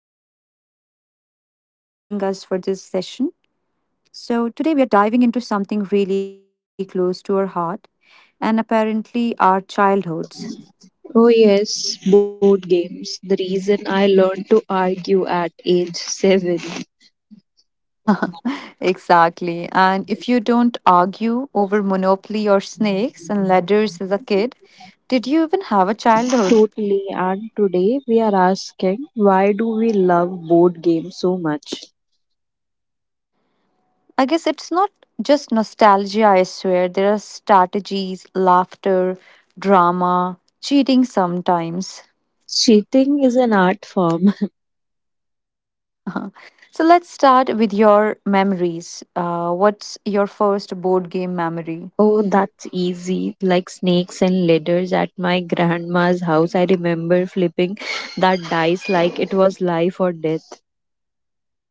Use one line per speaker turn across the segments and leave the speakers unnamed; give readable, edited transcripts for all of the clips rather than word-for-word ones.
guest with us and who'll be joining us for this session. So, today we are diving into something really close to our heart and apparently our childhoods.
Oh, yes, board games. The reason I learned to argue at age 7.
Exactly. And if you don't argue over Monopoly or snakes and ladders as a kid, did you even have a childhood?
Totally. And today we are asking why do we love board games so much?
I guess it's not just nostalgia, I swear. There are strategies, laughter, drama, cheating sometimes.
Cheating is an art form.
So let's start with your memories. What's your first board game memory?
Oh, that's easy. Like snakes and ladders at my grandma's house. I remember flipping that dice like it was life or death.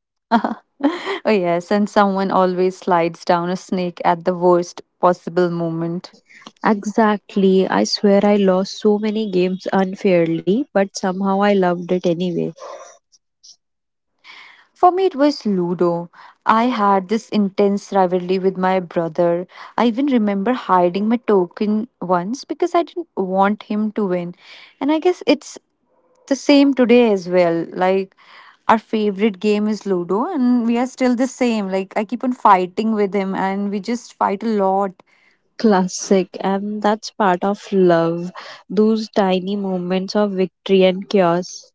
Oh, yes, and someone always slides down a snake at the worst possible moment.
Exactly. I swear I lost so many games unfairly, but somehow I loved it anyway.
For me, it was Ludo. I had this intense rivalry with my brother. I even remember hiding my token once because I didn't want him to win. And I guess it's the same today as well. Like, our favorite game is Ludo, and we are still the same. Like, I keep on fighting with him, and we just fight a lot.
Classic, and that's part of love. Those tiny moments of victory and chaos.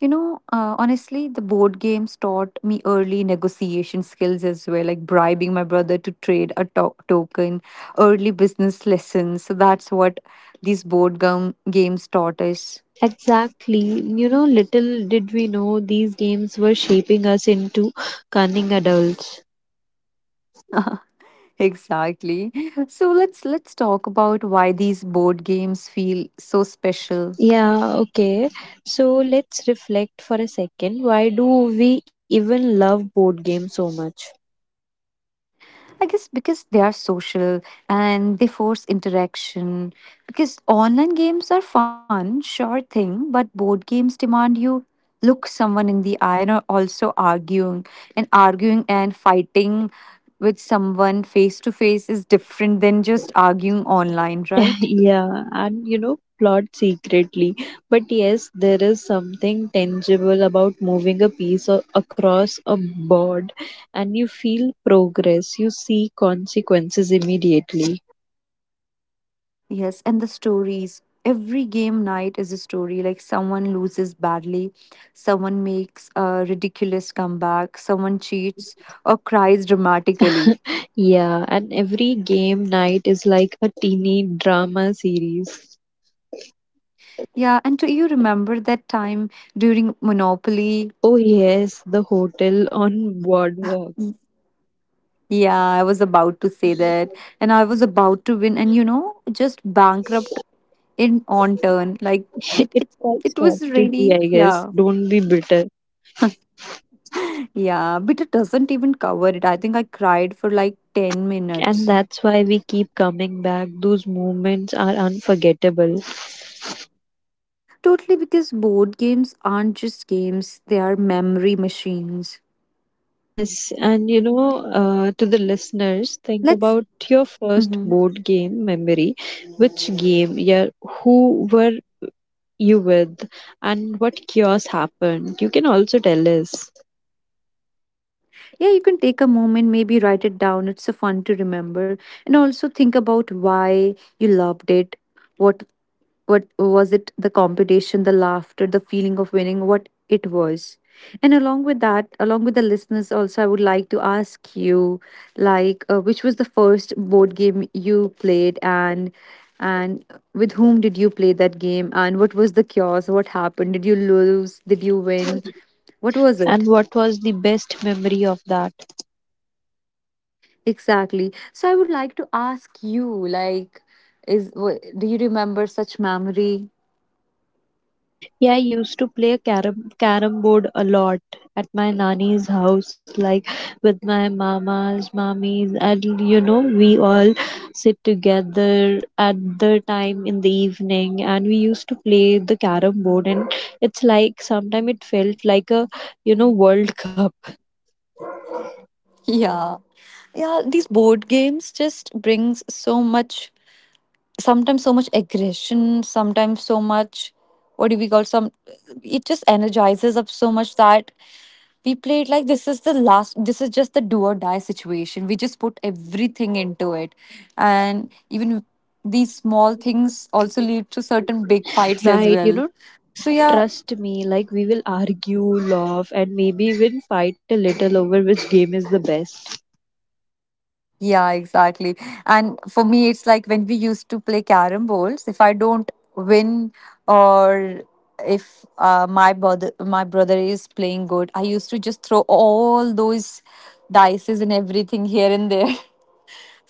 Honestly, the board games taught me early negotiation skills as well, like bribing my brother to trade a token, early business lessons. So that's what these board game games taught us.
Exactly. You know, little did we know these games were shaping us into cunning adults.
Exactly. So let's talk about why these board games feel so special.
Yeah, okay. So let's reflect for a second. Why do we even love board games so much?
I guess because they are social and they force interaction. Because online games are fun, sure thing, but board games demand you look someone in the eye and are also arguing and fighting with someone face to face is different than just arguing online, right?
Yeah, and plot secretly. But yes, there is something tangible about moving a piece across a board and you feel progress, you see consequences immediately.
Yes, and the stories. Every game night is a story. Like someone loses badly, someone makes a ridiculous comeback, someone cheats or cries dramatically.
Yeah, and every game night is like a teeny drama series.
Yeah, and do you remember that time during Monopoly?
Oh, yes, the hotel on Boardwalk.
Yeah, I was about to say that. And I was about to win and you know, just bankrupt in on turn. Like it
It's
it
called
it was
strategy,
really
I guess.
yeah.
Don't be bitter.
Yeah, but it doesn't even cover it. I think I cried for like 10
And
minutes.
that's why we keep coming back. Those moments are unforgettable.
Totally because board games aren't just games, they are memory machines.
Yes, and to the listeners, think
Let's
about your first
Mhm.
board game memory. Which game, yeah, who were you with, and what chaos happened? You can also tell us.
Yeah, you can take a moment, maybe write it down. It's so fun to remember. And also think about why you loved it, what what was it, the competition, the laughter, the feeling of winning, what it was. And along with that, along with the listeners, also I would like to ask you, like, which was the first board game you played, and and with whom did you play that game, and what was the chaos, what happened, did you lose, did you win, what was
And
it.
what was the best memory of that?
Exactly, so I would like to ask you, like, do you remember such memory.
Yeah, I used to play carom board a lot at my nanny's house, like with my mamas, mummies, and we all sit together at the time in the evening, and we used to play the carom board, and it's like sometimes it felt like a World Cup.
Yeah. Yeah, these board games just brings so much, sometimes so much aggression, sometimes so much, what do we call some, it just energizes up so much that we played like this is the last, this is just the do or die situation, we just put everything into it, and even these small things also lead to certain big fights as
Right,
well. So yeah.
trust me, like we will argue, laugh, and maybe even fight a little over which game is the best.
Yeah, exactly. And for me, it's like when we used to play carom bowls. If I don't win, or if my brother is playing good, I used to just throw all those dices and everything here and there.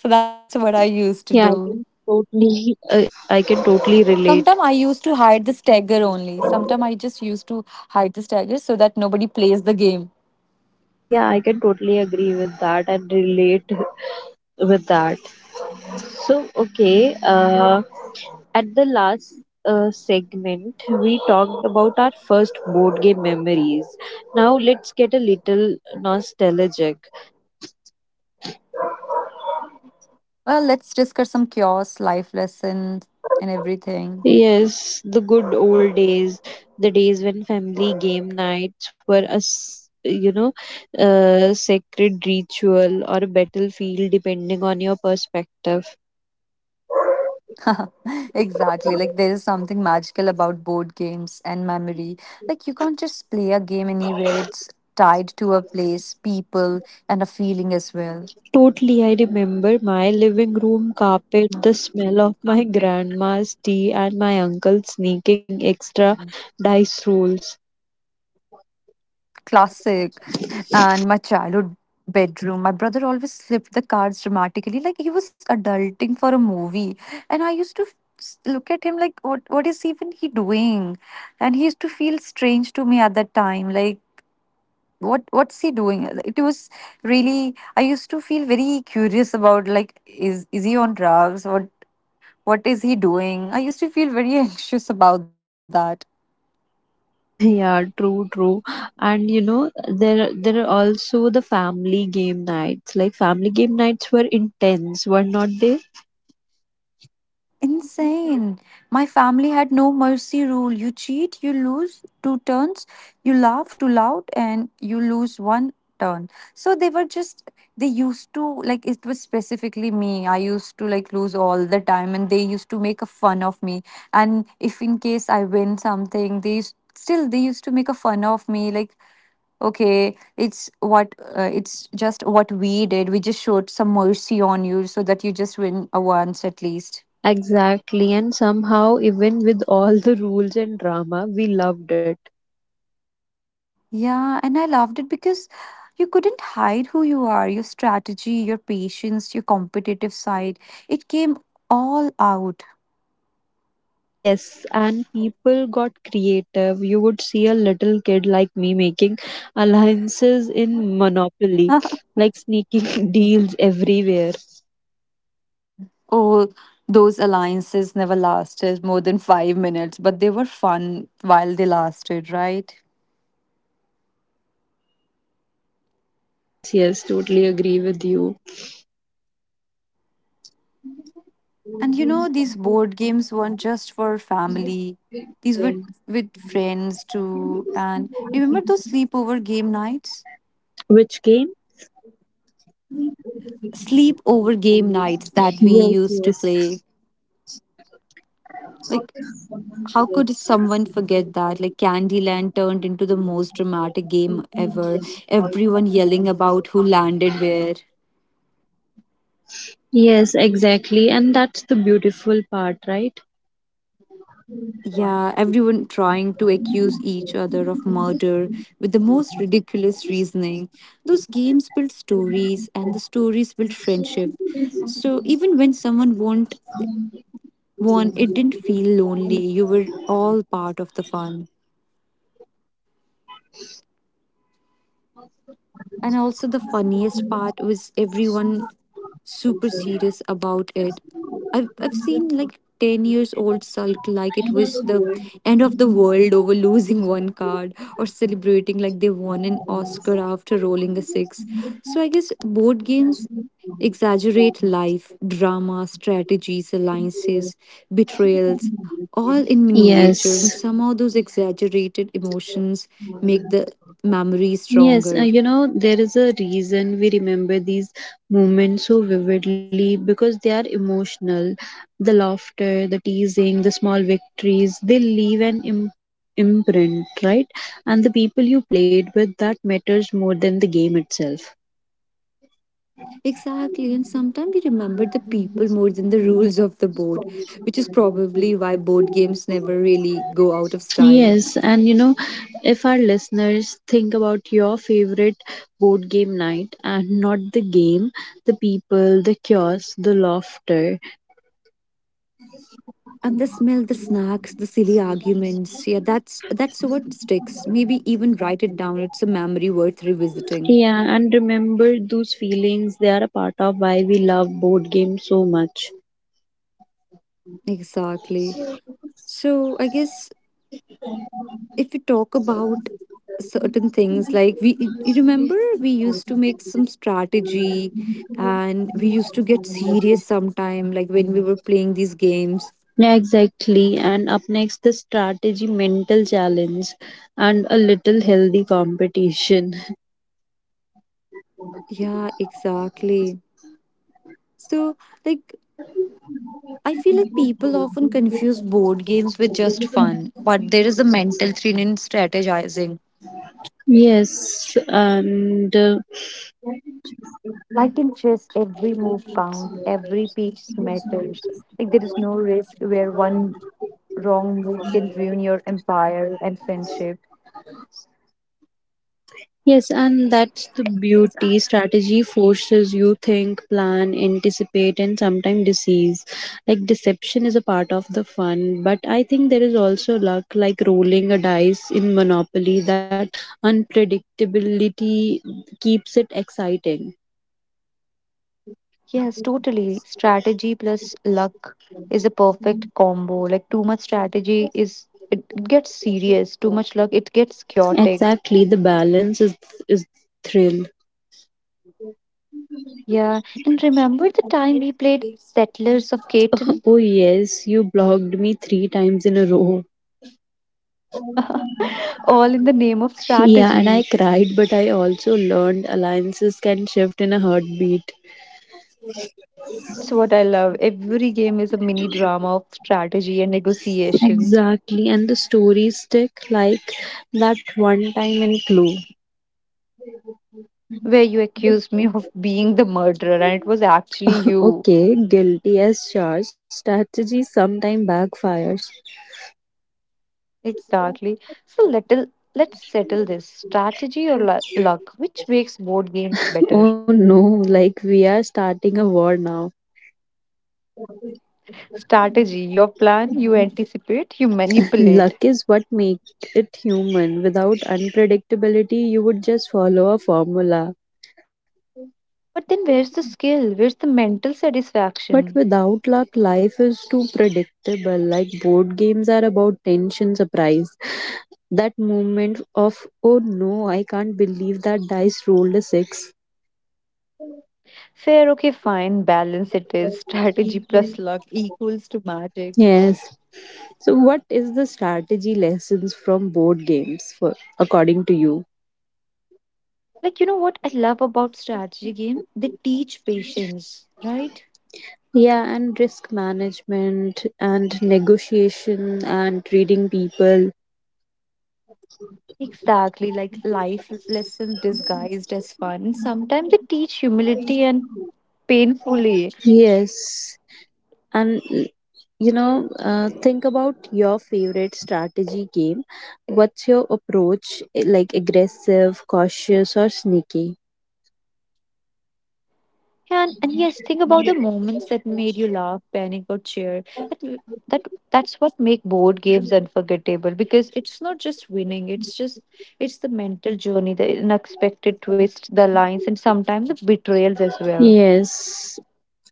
So that's what I used to do.
Yeah, I can totally relate.
Sometimes I used to hide the stagger only. Sometimes I just used to hide the stagger so that nobody plays the game.
Yeah, I can totally agree with that and relate with that. So, okay, at the last segment, we talked about our first board game memories. Now, let's get a little nostalgic.
Well, let's discuss some chaos, life lessons, and everything.
Yes, the good old days, the days when family game nights were a s- you know a sacred ritual or a battlefield depending on your perspective.
Exactly. Like there is something magical about board games and memory. Like you can't just play a game anywhere. It's tied to a place, people, and a feeling as well.
Totally, I remember my living room carpet, the smell of my grandma's tea, and my uncle sneaking extra dice rolls.
Classic. And my childhood bedroom, my brother always flipped the cards dramatically, like he was adulting for a movie. And I used to look at him like, what is even he doing? And he used to feel strange to me at that time. Like what's he doing, it was really, I used to feel very curious about, like, is he on drugs, what is he doing, I used to feel very anxious about that.
Yeah, true, true. And you know, there are also the family game nights. Like family game nights were intense, were not they?
Insane. My family had no mercy rule. You cheat, you lose two turns. You laugh too loud, and you lose one turn. So they were just, they used to, like, it was specifically me. I used to, like, lose all the time, and they used to make a fun of me. And if in case I win something, they used, still, they used to make a fun of me. Like, okay, it's what, it's just what we did. We just showed some mercy on you so that you just win a once at least.
Exactly, and somehow, even with all the rules and drama, we loved it.
Yeah, and I loved it because you couldn't hide who you are, your strategy, your patience, your competitive side. It came all out.
Yes, and people got creative. You would see a little kid like me making alliances in Monopoly, like sneaking deals everywhere.
Oh, those alliances never lasted more than 5 minutes, but they were fun while they lasted, right?
Yes, yes, totally agree with you.
And you know, these board games weren't just for family, these were with friends too. And remember those sleepover game nights?
Which game?
Sleepover game nights that
Yes,
we used to
yes.
play. Like, how could someone forget that? Like Candyland turned into the most dramatic game ever. Everyone yelling about who landed where.
Yes, exactly. And that's the beautiful part, right?
Yeah, everyone trying to accuse each other of murder with the most ridiculous reasoning. Those games build stories and the stories build friendship. So even when someone won't won, it didn't feel lonely. You were all part of the fun. And also, the funniest part was everyone super serious about it. I've seen like 10 years old sulk like it was the end of the world over losing one card or celebrating like they won an Oscar after rolling a six. So, I guess board games exaggerate life, drama, strategies, alliances, betrayals, all in miniature, and
Yes.
somehow those exaggerated emotions make the memory
Yes,
stronger.
there is a reason we remember these moments so vividly because they are emotional. The laughter, the teasing, the small victories, they leave an imprint, right? And the people you played with, that matters more than the game itself.
Exactly, and sometimes we remember the people more than the rules of the board, which is probably why board games never really go out of style.
Yes, and if our listeners think about your favorite board game night and not the game, the people, the chaos, the laughter.
And the smell, the snacks, the silly arguments, yeah, that's what sticks. Maybe even write it down. It's a memory worth revisiting.
Yeah, and remember those feelings, they are a part of why we love board games so much.
Exactly. So I guess if we talk about certain things like we you remember we used to make some strategy and we used to get serious sometime like when we were playing these games.
Yeah, exactly. And up next, the strategy, mental challenge, and a little healthy competition.
Yeah, exactly. So, like, I feel like people often confuse board games with just fun, but there is a mental thrill in strategizing.
Yes, and.
Like in chess, every
Deep
move
in
counts,
snow
every
caves.
piece
Even snow
matters.
is
Like,
uh,
there is no risk where
from
one wrong move can
required.
ruin your empire and friendship.
Yes, and that's the beauty. Strategy forces you think, plan, anticipate, and sometimes deceive. Like deception is a part of the fun, but I think there is also luck, like rolling a dice in Monopoly. That unpredictability keeps it exciting.
Yes, totally. Strategy plus luck is a perfect combo. Like, too much strategy is, it gets serious. Too much luck, it gets chaotic.
Exactly, the balance is thrill.
Yeah, and remember the time we played Settlers of Catan?
Oh yes, you blocked me three times in a row.
All in the name of
Yeah, and I
strategy.
cried, but I also learned alliances can shift in a heartbeat.
That's what I love. Every game is a mini drama of strategy and negotiation,
Exactly, and the stories stick like that one time in Clue.
where you accused me of being the murderer and it was actually you.
Okay, guilty as charged, strategy sometime backfires.
Exactly. So let's settle this strategy or luck, which makes board games better.
Oh no, like we are starting a war now.
Strategy, your plan, you anticipate, you manipulate.
Luck is what makes it human. Without unpredictability, you would just follow a formula.
But then where's the skill? Where's the mental
But
satisfaction?
without luck, life is too predictable. Like board games are about tension, surprise. That moment of, oh no, I can't believe that dice rolled a six.
Fair, okay, fine. Balance it is. Strategy plus luck equals to magic.
Yes. So, what is the strategy lessons from board games, for, according to you?
Like, you know what I love about strategy game? They teach patience, right?
Yeah, and risk management and negotiation and reading people.
Exactly, like life lessons disguised as fun. Sometimes they teach humility and painfully.
Yes, and think about your favorite strategy game. What's your approach, eh, like aggressive, cautious, or sneaky?
And yes, think about the moments that made you laugh, panic, or cheer. That that's what make board games unforgettable because it's not just winning. It's just it's the mental journey, the unexpected twist, the lines, and sometimes the betrayals as well.
Yes,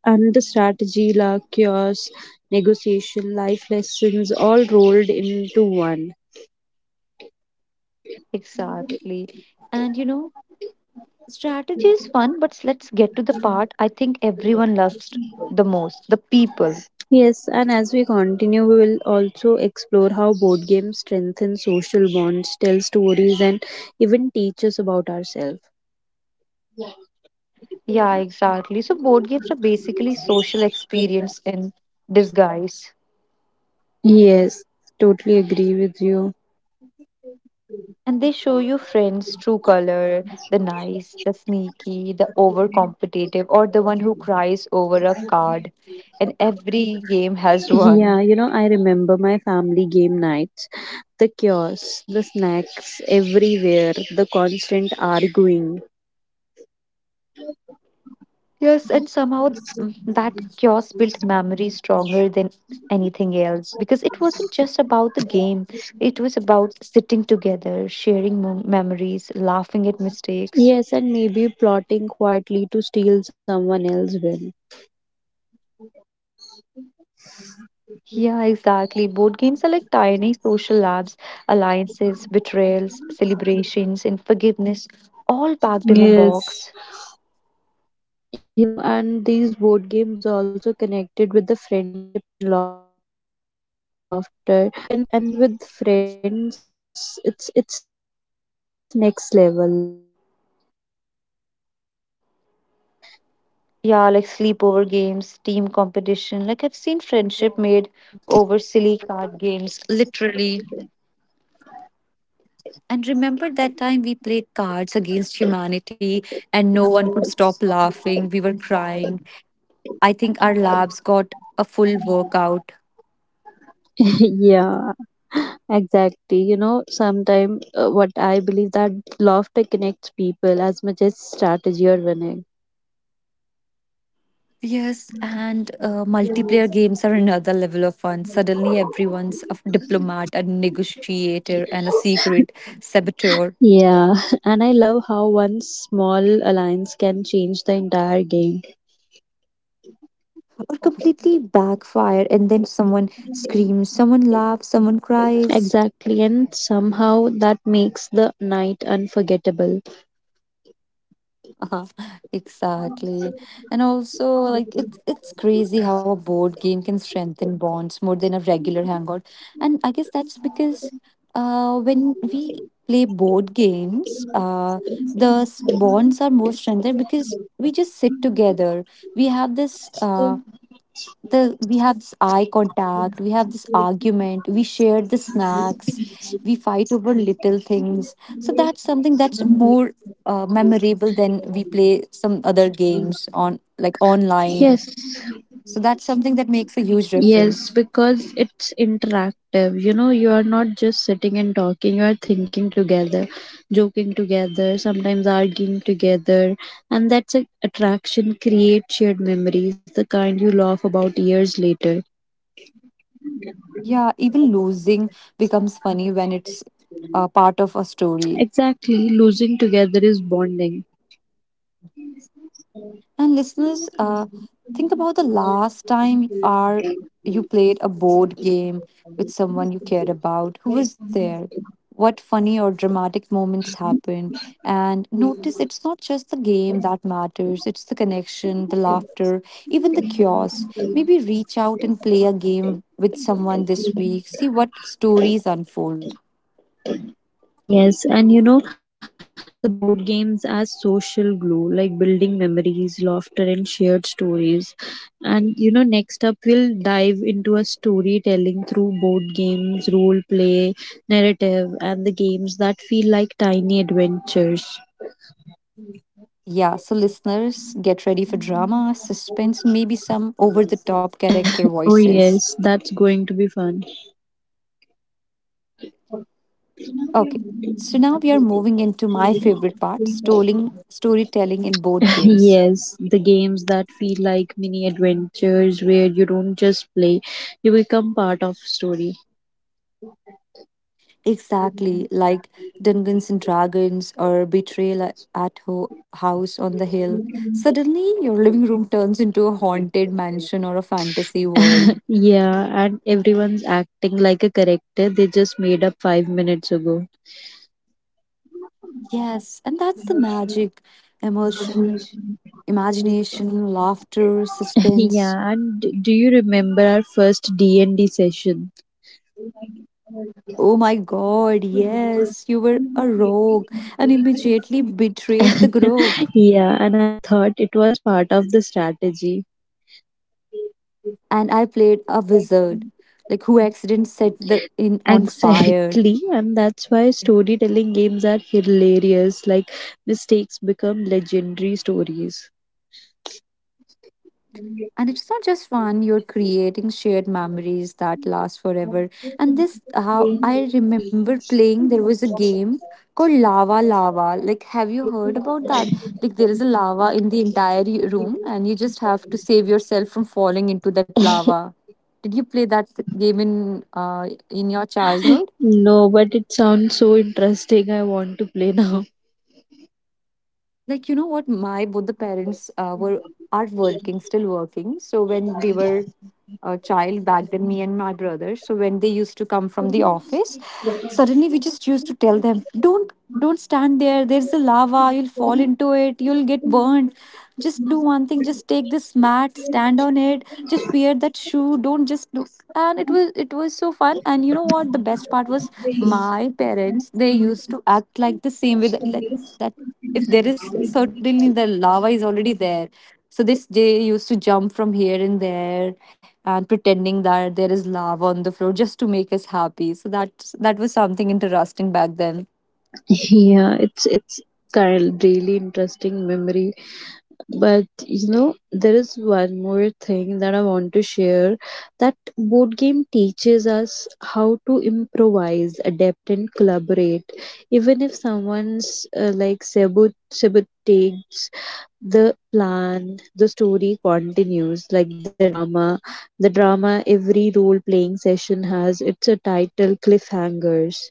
and the strategy, luck, chaos, negotiation, life lessons, all rolled into one.
Exactly. And you know, strategy is fun, but let's get to the part I think everyone loves the most: the people.
Yes, and as we continue, we will also explore how board games strengthen social bonds, tell stories, and even teach us about ourselves.
Yeah, exactly. So board games are basically social experience in disguise.
Yes, totally agree with you.
And they show you friends' true color, the nice, the sneaky, the overcompetitive, or the one who cries over a card. And every game has one.
Yeah, I remember my family game nights, the chaos, the snacks everywhere, the constant arguing.
Yes, and somehow that chaos built memory stronger than anything else because it wasn't just about the game, it was about sitting together, sharing memories, laughing at mistakes.
Yes, and maybe plotting quietly to steal someone else's win.
Yeah, exactly. Board games are like tiny social labs, alliances, betrayals, celebrations, and forgiveness, all packed in a box.
Yes. And these board games also connected with the friendship and laughter. Like and with friends, it's next level, like sleepover games, team competitions.
Yeah, like sleepover games, team competition. Like I've seen friendship made over silly card games, literally. And remember that time we played cards against humanity and no one could stop laughing. We were crying. I think our labs got a full workout.
Yeah. Exactly. Sometimes what I believe that laughter connects people as much as strategy or winning.
Yes, and multiplayer games are another level of fun. Suddenly, everyone's a diplomat, a negotiator, and a secret saboteur.
Yeah, and I love how one small alliance can change the entire game.
Or completely backfire, and then someone screams, someone laughs, someone cries.
Exactly, and somehow that makes the night unforgettable.
Uh-huh. Exactly. And also like it's crazy how a board game can strengthen bonds more than a regular hangout. And I guess that's because when we play board games, bonds are more strengthened because we just sit together. We have this the we have this eye contact, we have this argument, we share the snacks, we fight over little things. So that's something that's more memorable than we play some other games on like online.
Yes.
So that's something that makes a huge
Yes,
difference.
because it's interactive. You are not just sitting and talking, you are thinking together, joking together, sometimes arguing together. And that's a attraction, create shared memories, the kind you laugh about years later.
Yeah, even losing becomes funny when it's part of a story.
Exactly, losing together is bonding.
And listeners, think about the last time are you played a board game with someone you cared about. Who was there? What funny or dramatic moments happened? And notice it's not just the game that matters, it's the connection, the laughter, even the chaos. Maybe reach out and play a game with someone this week. See what stories unfold.
Yes, and the board games are social glue, like building memories, laughter, and shared stories. And next up, we'll dive into a storytelling through board games, role play, narrative, and the games that feel like tiny adventures.
Yeah, so listeners, get ready for drama, suspense, and maybe some over the top character
Oh, yes,
voices.
that's going to be fun.
Okay, so now we are moving into my favorite part, storytelling in board games.
Yes, the games that feel like mini adventures where you don't just play, you become part of story.
Exactly, like Dungeons and Dragons or Betrayal at House on the Hill. Suddenly, your living room turns into a haunted mansion or a fantasy world.
Yeah, and everyone's acting like a character they just made up 5 minutes ago.
Yes, and that's the magic, emotion, imagination, laughter, suspense.
Yeah, and do you remember our first D&D session?
Oh my god, yes, you were a rogue and immediately betrayed the group.
Yeah, and I thought it was part of the strategy.
And I played a wizard, like who accident set the inn on fire.
Exactly, and that's why storytelling games are hilarious. Like, mistakes become legendary stories.
And it's not just fun, you're creating shared memories that last forever. And this how I remember playing, there was a game called Lava Lava. Like, have you heard about that? Like, there is a lava in the entire room and you just have to save yourself from falling into that lava. Did you play that game in your childhood?
No, but it sounds so interesting. I want to play now.
Like, you know what, my both the parents were, are working, still working. So when we were a child back then, me and my brother, so when they used to come from the office, suddenly we just used to tell them, don't don't stand there, there's the lava, you'll fall into it, you'll get burned. Just do one thing, just take this mat, stand on it, just wear that shoe, don't, just do. And it was so fun. And you know what the best part was, my parents, they used to act like the same way that, like that, if there is certainly the lava is already there, so this they used to jump from here and there and pretending that there is lava on the floor just to make us happy. So that was something interesting back then.
Yeah, it's kind of really interesting memories. But there is one more thing that I want to share that board game teaches us how to improvise, adapt, and collaborate. Even if someone's like sabotages the plan, the story continues, like the drama. The drama every role playing session has its a title cliffhangers.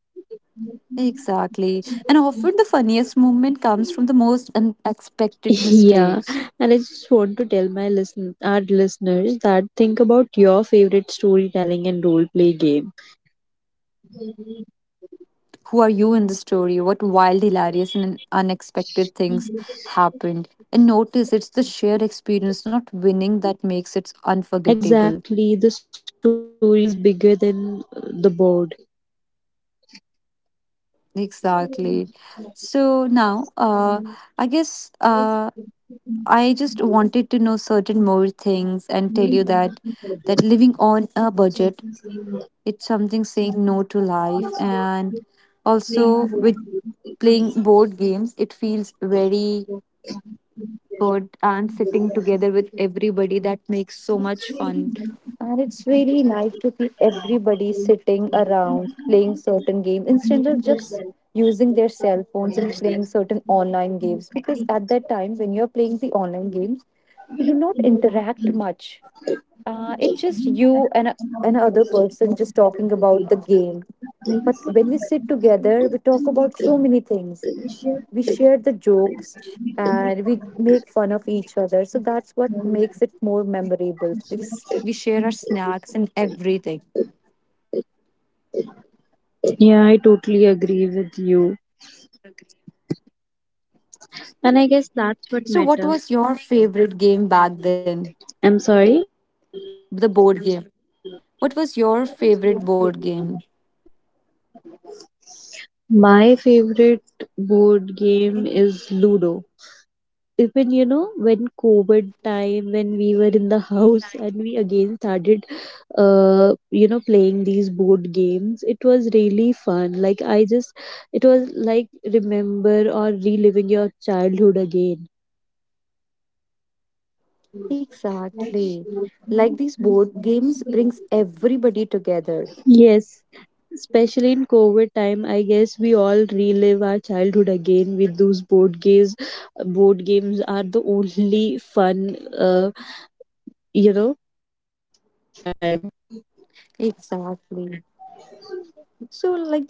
Exactly, and often the funniest moment comes from the most unexpected mistakes.
Yeah, and I just want to tell my listen our listeners that think about your favorite storytelling and role play game.
Who are you in the story? What wild, hilarious, and unexpected things happened? And notice it's the shared experience, not winning, that makes it unforgettable.
Exactly, the story is bigger than the board.
Exactly. So now, I guess I just wanted to know certain more things and tell you that living on a budget, it's something saying no to life, and also with playing board games, it feels very good, and sitting together with everybody that makes so much fun. And it's really nice to see everybody sitting around playing certain games instead of just using their cell phones and playing certain online games, because at that time when you're playing the online games, you do not interact much. It's just you and other person just talking about the game. But when we sit together, we talk about so many things, we share the jokes, and we make fun of each other. So that's what makes it more memorable, because we share our snacks and everything.
Yeah, I totally agree with you. And I guess that's what
So what
matter.
was your favorite game back then?
I'm sorry.
The board game, what was your favorite board game?
My favorite board game is Ludo. Even when COVID time when we were in the house and we again started uh playing these board games. It was really fun. Like, I just, it was like remember or reliving your childhood again.
Exactly, like these board games brings everybody together.
Yes, especially in COVID time, I guess we all relive our childhood again with those board games. Board games are the only fun, you know, at that time.
Exactly. So like,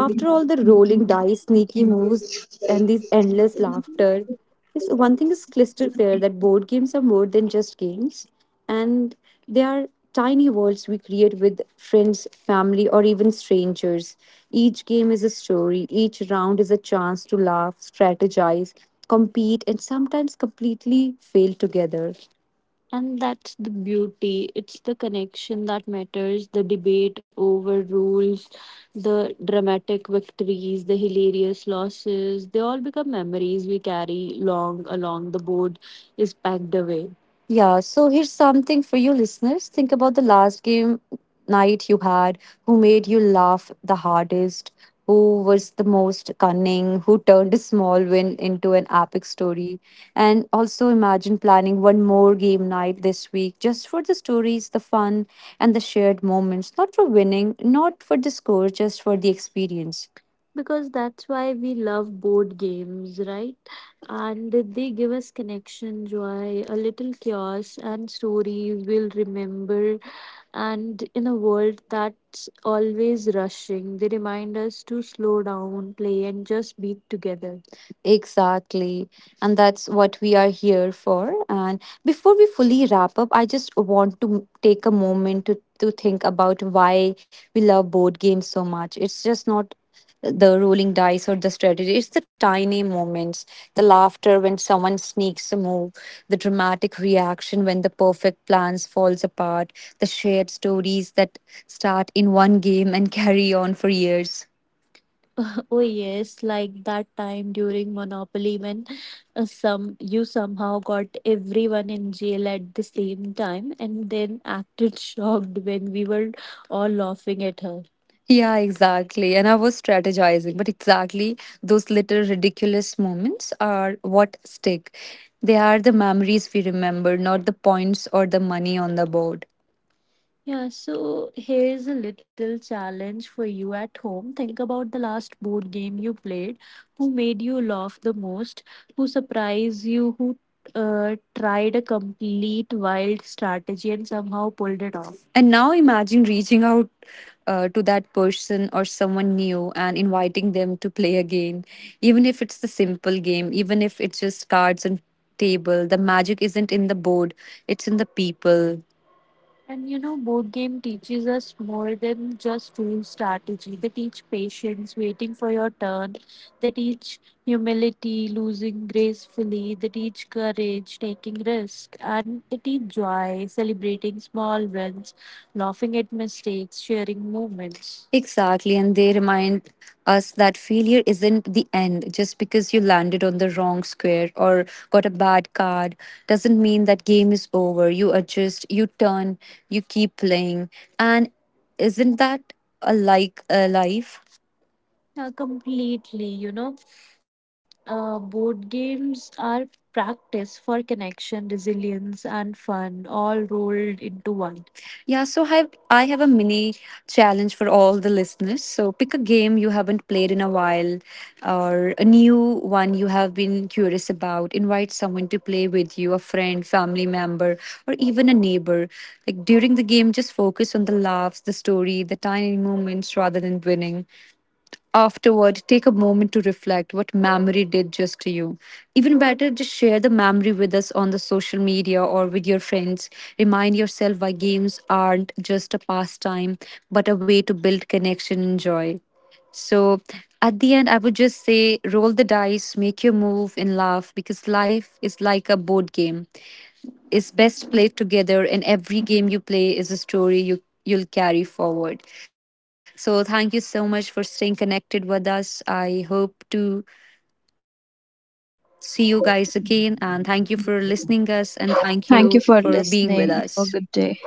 after all the rolling dice, sneaky moves, and this endless laughter, this one thing is crystal clear, that board games are more than just games, and they are tiny worlds we create with friends, family, or even strangers. Each game is a story, each round is a chance to laugh, strategize, compete, and sometimes completely fail together. And that's the beauty. It's the connection that matters, the debate over rules, the dramatic victories, the hilarious losses. They all become memories we carry long, along the board is packed away. Yeah, so here's something for you listeners. Think about the last game night you had, who made you laugh the hardest, who was the most cunning, who turned a small win into an epic story. And also imagine planning one more game night this week just for the stories, the fun, and the shared moments. Not for winning, not for the score, just for the experience. Because that's why we love board games, right? And they give us connection, joy, a little chaos, and stories we'll remember. And in a world that's always rushing, they remind us to slow down, play, and just be together. Exactly. And that's what we are here for. And before we fully wrap up, I just want to take a moment to think about why we love board games so much. It's just not the rolling dice or the strategy. It's the tiny moments, the laughter when someone sneaks a move, the dramatic reaction when the perfect plans falls apart, the shared stories that start in one game and carry on for years. Oh yes, like that time during Monopoly when some you somehow got everyone in jail at the same time and then acted shocked when we were all laughing at her. Yeah, exactly. And I was strategizing, but exactly those little ridiculous moments are what stick. They are the memories we remember, not the points or the money on the board. Yeah, so here's a little challenge for you at home. Think about the last board game you played, who made you laugh the most, who surprised you, who tried a complete wild strategy and somehow pulled it off. And now imagine reaching out to that person or someone new and inviting them to play again. Even if it's the simple game, even if it's just cards and table, the magic isn't in the board, it's in the people. And you know, board game teaches us more than just rule strategy. They teach patience, waiting for your turn. They teach humility, losing gracefully. They teach courage, taking risk, and they teach joy, celebrating small wins, laughing at mistakes, sharing moments. Exactly, and they remind us that failure isn't the end. Just because you landed on the wrong square or got a bad card doesn't mean that game is over. You adjust, you turn, you keep playing. And isn't that a like a life? Completely, you know, board games are practice for connection, resilience, and fun, all rolled into one. Yeah, I have a mini challenge for all the listeners. So pick a game you haven't played in a while or a new one you have been curious about. Invite someone to play with you, a friend, family member, or even a neighbor. Like during the game, just focus on the laughs, the story, the tiny moments rather than winning. Afterward, take a moment to reflect what memory did just to you. Even better, just share the memory with us on the social media or with your friends. Remind yourself why games aren't just a pastime, but a way to build connection and joy. So at the end, I would just say roll the dice, make your move, and laugh, because life is like a board game, is best played together, and every game you play is a story you'll carry forward. So thank you so much for staying connected with us. I hope to see you guys again, and thank you for listening us, and thank you for being with
Thank you for
us.
listening. Have a good day.